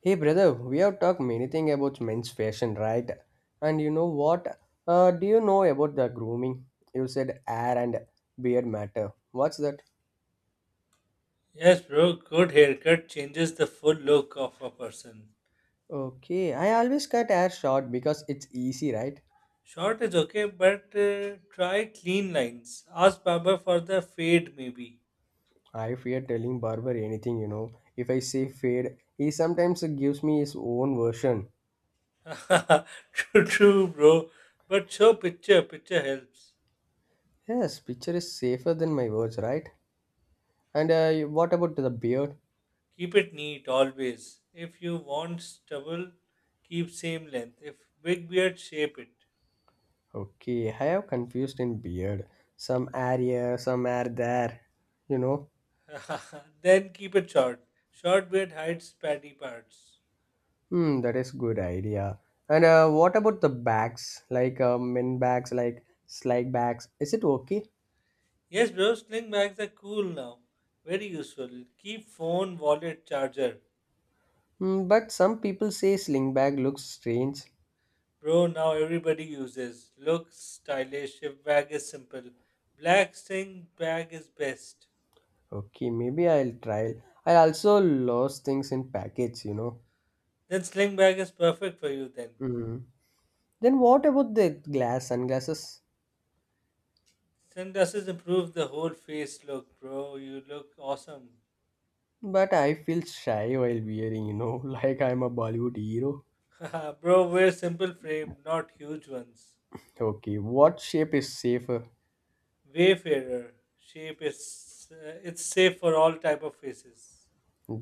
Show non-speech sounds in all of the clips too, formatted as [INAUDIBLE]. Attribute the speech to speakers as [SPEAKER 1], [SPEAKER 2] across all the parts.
[SPEAKER 1] Hey brother, we have talked many things about men's fashion, right? And you know what? Do you know about the grooming? You said hair and beard matter. What's that?
[SPEAKER 2] Yes, bro, good haircut changes the full look of a person.
[SPEAKER 1] Okay, I always cut hair short because it's easy, right?
[SPEAKER 2] Short is okay, but try clean lines. Ask barber for the fade, maybe.
[SPEAKER 1] I fear telling barber anything. If I say fade, he sometimes gives me his own version.
[SPEAKER 2] [LAUGHS] True, bro. But show picture, picture helps.
[SPEAKER 1] Yes, picture is safer than my words, right? And what about the beard?
[SPEAKER 2] Keep it neat always. If you want stubble, keep same length. If big beard, shape it.
[SPEAKER 1] Okay, I have confused in beard. Some are here, some are there. You know,
[SPEAKER 2] [LAUGHS] then keep it short. Short beard hides patty parts.
[SPEAKER 1] hmm, that is good idea. And what about the bags? Like min bags, like sling bags. Is it okay?
[SPEAKER 2] Yes, bro, sling bags are cool now. Very useful. Keep phone, wallet, charger.
[SPEAKER 1] Hmm, but some people say sling bag looks strange.
[SPEAKER 2] Bro, now everybody uses. Looks stylish. Shift bag is simple. Black sling bag is best.
[SPEAKER 1] Okay, maybe I'll try. I also lost things in package.
[SPEAKER 2] Then sling bag is perfect for you then.
[SPEAKER 1] Hmm. Then what about the glass sunglasses?
[SPEAKER 2] Sunglasses improve the whole face look, bro. You look awesome.
[SPEAKER 1] But I feel shy while wearing. [LAUGHS] Like I'm a Bollywood hero.
[SPEAKER 2] [LAUGHS] bro, wear simple frame, not huge ones.
[SPEAKER 1] Okay, what shape is safer?
[SPEAKER 2] Wayfarer shape is it's safe for all type of faces.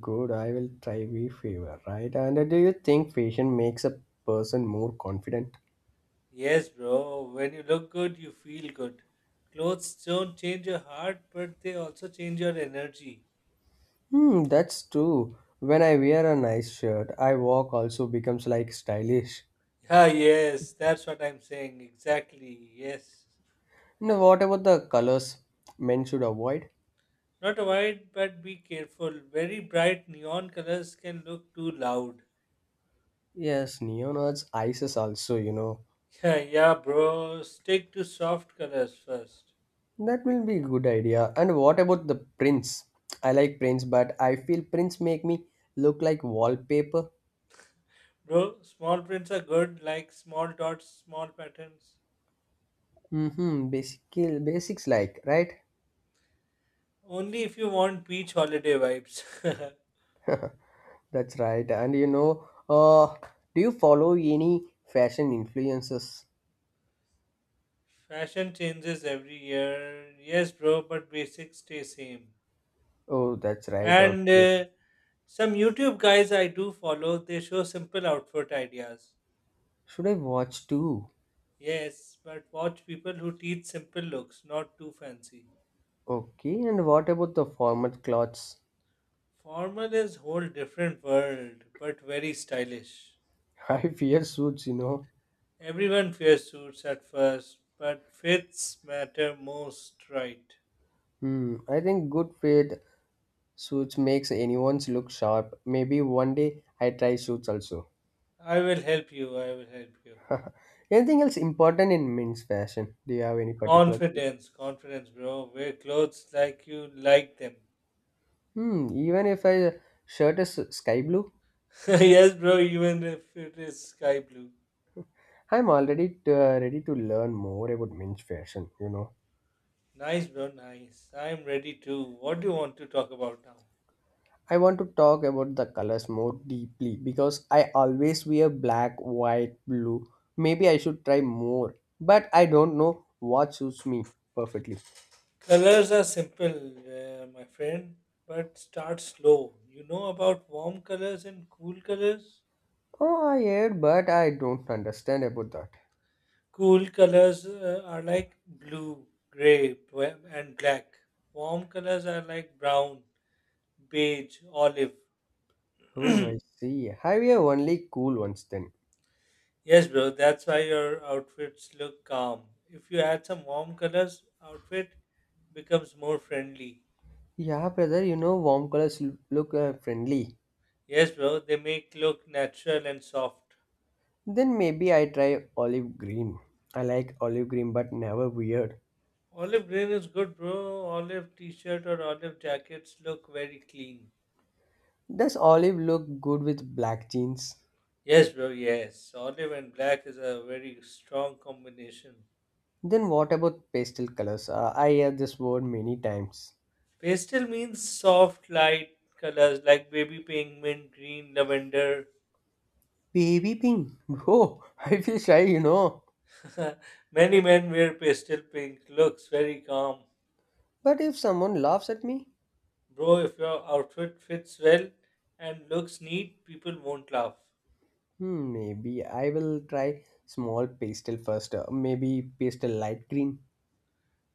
[SPEAKER 1] Good, I will try we favor, right? And do you think fashion makes a person more confident?
[SPEAKER 2] Yes, bro. When you look good, you feel good. Clothes don't change your heart, but they also change your energy. [LAUGHS]
[SPEAKER 1] Hmm, that's true. When I wear a nice shirt, I walk also becomes like stylish.
[SPEAKER 2] Yeah, yes, that's what I'm saying. Exactly, yes.
[SPEAKER 1] Now, what about the colors men should avoid?
[SPEAKER 2] Not avoid, but be careful. Very bright neon colors can look too loud.
[SPEAKER 1] Yes, neon arts, ices also.
[SPEAKER 2] [LAUGHS] Yeah, yeah, bro. Stick to soft colors first.
[SPEAKER 1] That will be a good idea. And what about the prints? I like prints, but I feel prints make me look like wallpaper.
[SPEAKER 2] Bro, small prints are good, like small dots, small patterns.
[SPEAKER 1] Mm-hmm. Basic basics like, right?
[SPEAKER 2] Only if you want beach holiday vibes. [LAUGHS]
[SPEAKER 1] That's right. And do you follow any fashion influences?
[SPEAKER 2] Fashion changes every year. Yes, bro, but basics stay same.
[SPEAKER 1] Oh, that's right.
[SPEAKER 2] And
[SPEAKER 1] Okay.
[SPEAKER 2] some YouTube guys I do follow, they show simple outfit ideas.
[SPEAKER 1] Should I watch too?
[SPEAKER 2] Yes, but watch people who teach simple looks, not too fancy.
[SPEAKER 1] Okay. And what about the formal clothes?
[SPEAKER 2] Formal is whole different world, but very stylish.
[SPEAKER 1] [LAUGHS] I fear suits.
[SPEAKER 2] Everyone wears suits at first, but fits matter most, right?
[SPEAKER 1] Hmm. I think good fit suits makes anyone's look sharp. Maybe one day I try suits also.
[SPEAKER 2] I will help you.
[SPEAKER 1] [LAUGHS] Anything else important in men's fashion? Do you have any particular thing?
[SPEAKER 2] Confidence, bro. Wear clothes like you like them.
[SPEAKER 1] Hmm. Even if I shirt is sky blue?
[SPEAKER 2] [LAUGHS] yes, bro, even if it is sky blue.
[SPEAKER 1] I'm already ready to learn more about men's fashion.
[SPEAKER 2] Nice, bro, nice. I'm ready too. What do you want to talk about now?
[SPEAKER 1] I want to talk about the colors more deeply because I always wear black, white, blue. Maybe I should try more, but I don't know what suits me perfectly.
[SPEAKER 2] Colors are simple, my friend, but start slow. You know about warm colors and cool colors?
[SPEAKER 1] Oh, I hear, but I don't understand about that.
[SPEAKER 2] Cool colors are like blue, gray, and black. Warm colors are like brown, beige, olive.
[SPEAKER 1] Oh, I see. I wear only cool ones then.
[SPEAKER 2] Yes, bro. That's why your outfits look calm. If you add some warm colors, outfit becomes more friendly.
[SPEAKER 1] Yeah, brother, warm colors look friendly.
[SPEAKER 2] Yes, bro. They make look natural and soft.
[SPEAKER 1] Then maybe I try olive green. I like olive green, but never weird.
[SPEAKER 2] Olive green is good, bro. Olive t-shirt or olive jackets look very clean.
[SPEAKER 1] Does olive look good with black jeans?
[SPEAKER 2] Yes, bro. Yes, olive and black is a very strong combination.
[SPEAKER 1] Then what about pastel colors? I hear this word many times.
[SPEAKER 2] Pastel means soft, light colors like baby pink, mint green, lavender.
[SPEAKER 1] Baby pink. Bro, [LAUGHS] I feel shy.
[SPEAKER 2] [LAUGHS] Many men wear pastel pink. Looks very calm.
[SPEAKER 1] But if someone laughs at me,
[SPEAKER 2] Bro, if your outfit fits well and looks neat, people won't laugh.
[SPEAKER 1] hmm, maybe I will try small pastel first. Maybe pastel light green.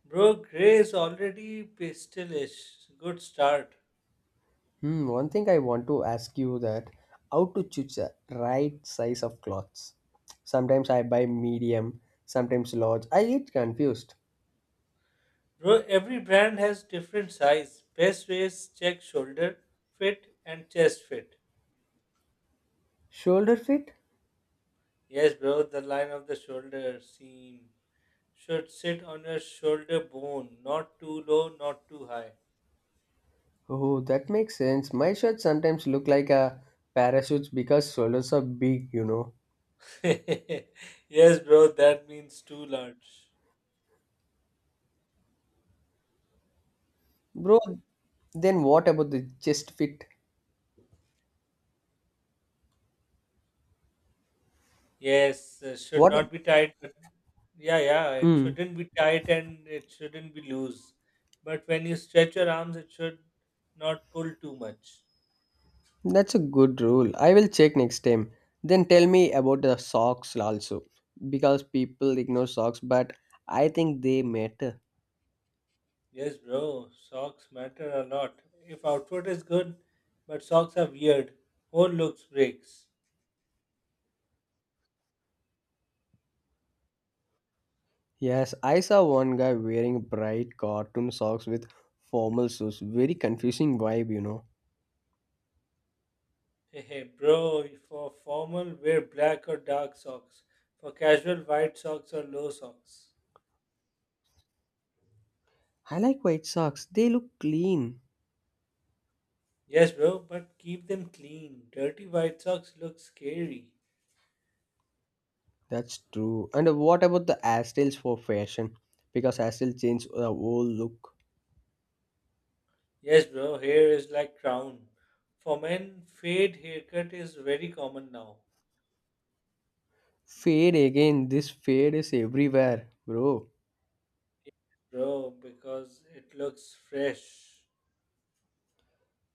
[SPEAKER 2] Bro, grey is already pastelish. Good start.
[SPEAKER 1] Hmm, one thing I want to ask you that how to choose the right size of clothes. Sometimes I buy medium, sometimes large. I get confused.
[SPEAKER 2] Bro, every brand has different size. Best way is check shoulder fit and chest fit.
[SPEAKER 1] Shoulder fit?
[SPEAKER 2] Yes, bro, the line of the shoulder seam should sit on your shoulder bone, not too low, not too high.
[SPEAKER 1] Oh, that makes sense. My shirts sometimes look like a parachute because shoulders are big.
[SPEAKER 2] [LAUGHS] yes, bro, that means too large.
[SPEAKER 1] Bro, then what about the chest fit?
[SPEAKER 2] Yes, should
[SPEAKER 1] What?
[SPEAKER 2] not be tight, but yeah, it
[SPEAKER 1] Mm,
[SPEAKER 2] shouldn't be tight and it shouldn't be loose. But when you stretch your arms, it should not pull too much.
[SPEAKER 1] that's a good rule. I will check next time. Then tell me about the socks also because people ignore socks, but I think they matter.
[SPEAKER 2] Yes, bro, socks matter a lot. If outfit is good, but socks are weird, whole looks breaks.
[SPEAKER 1] Yes, I saw one guy wearing bright cartoon socks with formal shoes. Very confusing vibe.
[SPEAKER 2] Hey, [LAUGHS] hey, bro, for formal, wear black or dark socks. For casual, white socks or low socks.
[SPEAKER 1] I like white socks. They look clean.
[SPEAKER 2] Yes, bro, but keep them clean. Dirty white socks look scary.
[SPEAKER 1] That's true. And what about the hairstyles for fashion? Because hairstyle change the whole look.
[SPEAKER 2] Yes, bro, hair is like crown. For men, fade haircut is very common now,
[SPEAKER 1] Fade again. This fade is everywhere, bro.
[SPEAKER 2] bro, because it looks fresh.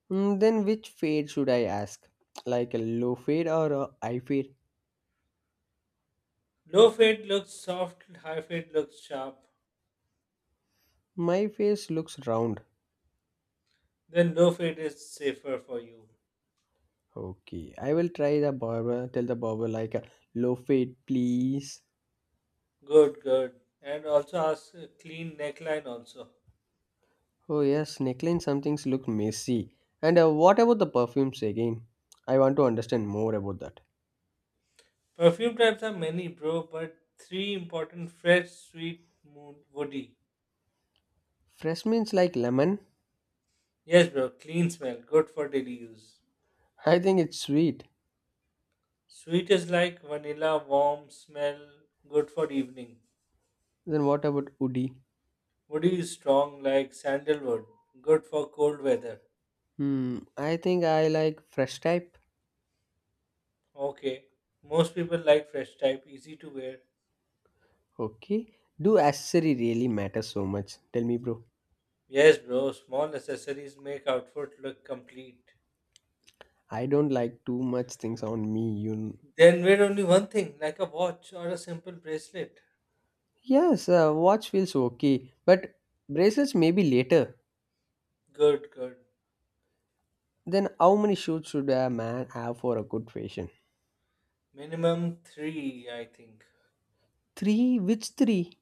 [SPEAKER 1] Mm, then which fade should I ask? Like a low fade or a high fade?
[SPEAKER 2] Low fade looks soft, high fade looks sharp.
[SPEAKER 1] My face looks round.
[SPEAKER 2] Then low fade is safer for you.
[SPEAKER 1] Okay, I will try the barber. Tell the barber like a low fade, please.
[SPEAKER 2] Good. And also ask a clean neckline also.
[SPEAKER 1] Oh yes, neckline. Some things look messy. And what about the perfumes again? I want to understand more about that.
[SPEAKER 2] Perfume types are many, bro, but three important fresh, sweet, mood, woody.
[SPEAKER 1] Fresh means like lemon.
[SPEAKER 2] Yes, bro, clean smell, good for daily use.
[SPEAKER 1] I think it's sweet.
[SPEAKER 2] Sweet is like vanilla, warm smell, good for evening.
[SPEAKER 1] Then what about woody?
[SPEAKER 2] Woody is strong like sandalwood, good for cold weather.
[SPEAKER 1] Hmm, I think I like fresh type.
[SPEAKER 2] Okay. Most people like fresh type, easy to wear.
[SPEAKER 1] Okay. Do accessory really matter so much? Tell me, bro.
[SPEAKER 2] Yes, bro, small accessories make outfit look complete.
[SPEAKER 1] I don't like too much things on me.
[SPEAKER 2] Then wear only one thing, like a watch or a simple bracelet.
[SPEAKER 1] Yes, watch feels okay, but bracelets maybe later.
[SPEAKER 2] Good.
[SPEAKER 1] Then how many shoes should a man have for a good fashion?
[SPEAKER 2] Minimum three, I think.
[SPEAKER 1] Three. Which three?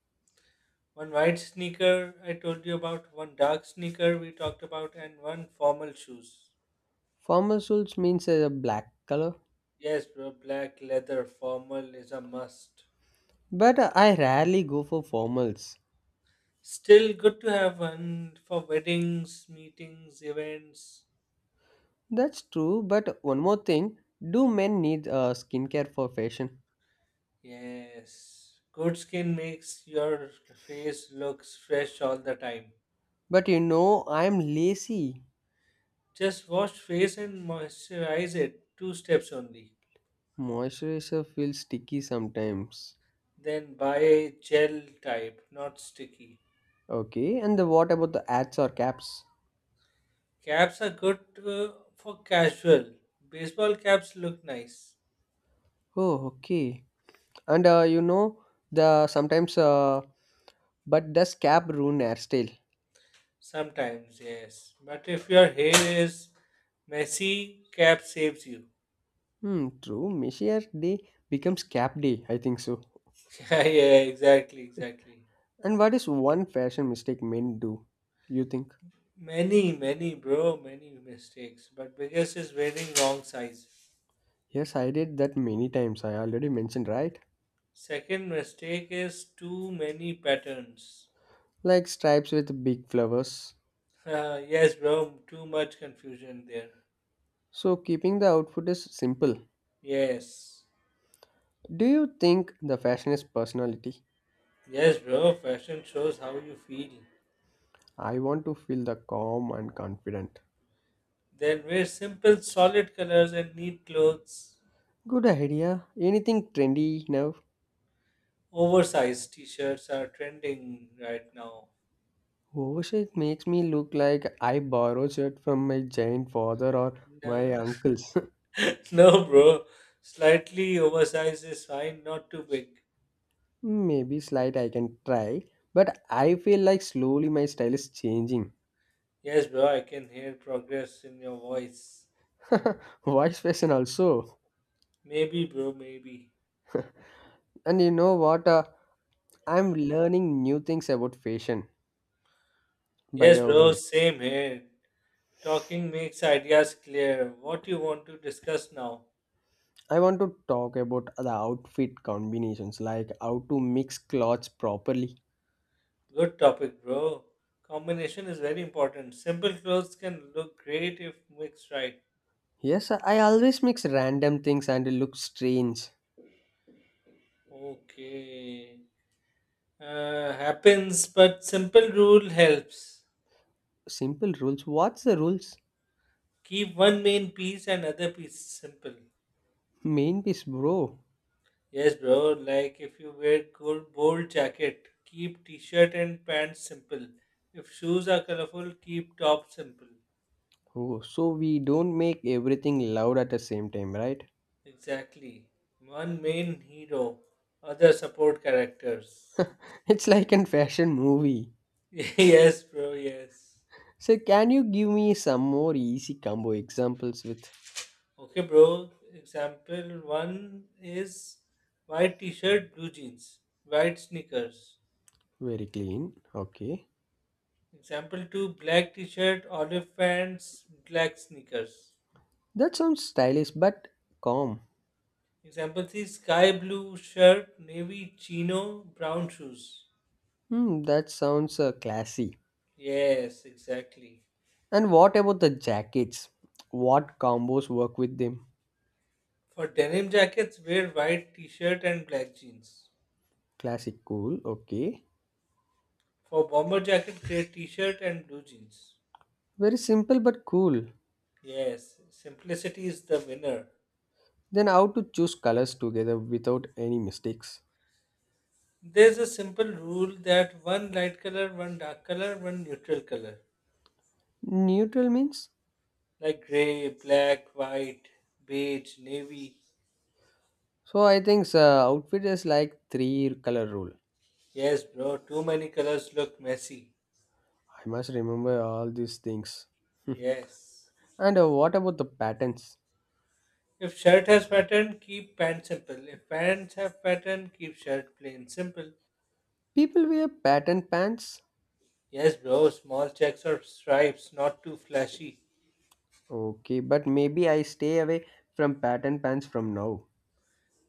[SPEAKER 2] One white sneaker I told you about, one dark sneaker we talked about, and one formal shoes.
[SPEAKER 1] Formal shoes means a black color.
[SPEAKER 2] Yes, bro, black leather formal is a must.
[SPEAKER 1] But I rarely go for formals.
[SPEAKER 2] Still good to have one for weddings, meetings, events.
[SPEAKER 1] That's true, but one more thing do men need skincare for fashion?
[SPEAKER 2] Yes. Good skin makes your face looks fresh all the time.
[SPEAKER 1] But I'm lazy.
[SPEAKER 2] Just wash face and moisturize it two steps only.
[SPEAKER 1] Moisturizer feels sticky sometimes.
[SPEAKER 2] Then buy gel type, not sticky.
[SPEAKER 1] Okay, and what about the ads or caps?
[SPEAKER 2] Caps are good for casual. Baseball caps look nice.
[SPEAKER 1] Oh, okay. And the sometimes, uh, but does cap ruin hairstyle?
[SPEAKER 2] Sometimes, yes. But if your hair is messy, cap saves you. [LAUGHS]
[SPEAKER 1] Hmm, true. Messier day becomes cap day, I think so.
[SPEAKER 2] Yeah, exactly, exactly.
[SPEAKER 1] And what is one fashion mistake men do? You think?
[SPEAKER 2] Many, bro, many mistakes. But biggest is wearing wrong size.
[SPEAKER 1] Yes, I did that many times. I already mentioned, right?
[SPEAKER 2] Second mistake is too many patterns. [LAUGHS]
[SPEAKER 1] Like stripes with big flowers.
[SPEAKER 2] Yes, bro, too much confusion there.
[SPEAKER 1] So, keeping the outfit is simple.
[SPEAKER 2] Yes.
[SPEAKER 1] Do you think the fashion is personality?
[SPEAKER 2] Yes, bro, fashion shows how you feel.
[SPEAKER 1] I want to feel the calm and confident.
[SPEAKER 2] Then wear simple, solid colors and neat clothes.
[SPEAKER 1] Good idea. Anything trendy now?
[SPEAKER 2] Oversized t-shirts are trending right now.
[SPEAKER 1] Oversight makes me look like I borrowed it from my giant father or my
[SPEAKER 2] No,
[SPEAKER 1] uncles. [LAUGHS]
[SPEAKER 2] [LAUGHS] no, bro. Slightly oversized is fine, not too big.
[SPEAKER 1] Maybe slight I can try, but I feel like slowly my style is changing.
[SPEAKER 2] Yes, bro, I can hear progress in your voice.
[SPEAKER 1] [LAUGHS] Voice fashion also.
[SPEAKER 2] Maybe, bro, maybe.
[SPEAKER 1] And you know what? I'm learning new things about fashion. By
[SPEAKER 2] Yes,
[SPEAKER 1] the
[SPEAKER 2] bro,
[SPEAKER 1] way,
[SPEAKER 2] same here. Talking makes ideas clear. What you want to discuss now?
[SPEAKER 1] I want to talk about the outfit combinations, like how to mix clothes properly.
[SPEAKER 2] Good topic, bro. Combination is very important. Simple clothes can look great if mixed right.
[SPEAKER 1] Yes, I always mix random things and it looks strange.
[SPEAKER 2] Okay. Happens, but simple rule helps.
[SPEAKER 1] Simple rules. What's the rules?
[SPEAKER 2] Keep one main piece and other piece simple.
[SPEAKER 1] Main piece, bro.
[SPEAKER 2] Yes, bro. Like if you wear cool, bold jacket, keep t-shirt and pants simple. If shoes are colorful, keep top simple.
[SPEAKER 1] Oh, so we don't make everything loud at the same time, right?
[SPEAKER 2] Exactly. One main hero, other support characters.
[SPEAKER 1] [LAUGHS] It's like in fashion movie.
[SPEAKER 2] [LAUGHS] yes, bro. Yes.
[SPEAKER 1] So can you give me some more easy combo examples with
[SPEAKER 2] Okay, bro. Example one is white t-shirt, blue jeans, white sneakers.
[SPEAKER 1] very clean? Okay.
[SPEAKER 2] Example 2 black t shirt, olive pants, black sneakers.
[SPEAKER 1] That sounds stylish but calm.
[SPEAKER 2] Example 3 sky blue shirt, navy chino, brown shoes.
[SPEAKER 1] Hmm, that sounds classy.
[SPEAKER 2] Yes, exactly.
[SPEAKER 1] And what about the jackets? What combos work with them?
[SPEAKER 2] For denim jackets, wear white t shirt and black jeans.
[SPEAKER 1] Classic cool, okay.
[SPEAKER 2] For bomber jacket, grey t shirt and blue jeans.
[SPEAKER 1] Very simple but cool.
[SPEAKER 2] Yes, simplicity is the winner.
[SPEAKER 1] Then how to choose colors together without any mistakes?
[SPEAKER 2] There's a simple rule that one light color, one dark color, one neutral color,
[SPEAKER 1] Neutral means?
[SPEAKER 2] like gray, black, white, beige, navy.
[SPEAKER 1] So I think so, outfit is like three color rule.
[SPEAKER 2] Yes, bro. Too many colors look messy.
[SPEAKER 1] I must remember all these things.
[SPEAKER 2] Yes.
[SPEAKER 1] [LAUGHS] And what about the patterns?
[SPEAKER 2] If shirt has pattern, keep pants simple. If pants have pattern, keep shirt plain simple.
[SPEAKER 1] People wear pattern pants.
[SPEAKER 2] Yes, bro. Small checks or stripes, not too flashy.
[SPEAKER 1] Okay, but maybe I stay away from pattern pants from now.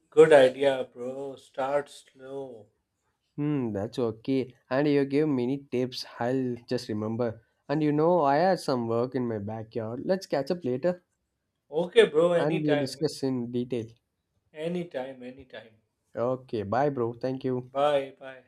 [SPEAKER 2] Good idea, bro. Start slow.
[SPEAKER 1] Hmm, that's okay. And you gave many tips. I'll just remember. And I had some work in my backyard. Let's catch up later
[SPEAKER 2] Okay, bro.
[SPEAKER 1] and we'll
[SPEAKER 2] Anytime.
[SPEAKER 1] discuss in detail.
[SPEAKER 2] Anytime. Anytime.
[SPEAKER 1] Okay, bye, bro. Thank you.
[SPEAKER 2] Bye. Bye.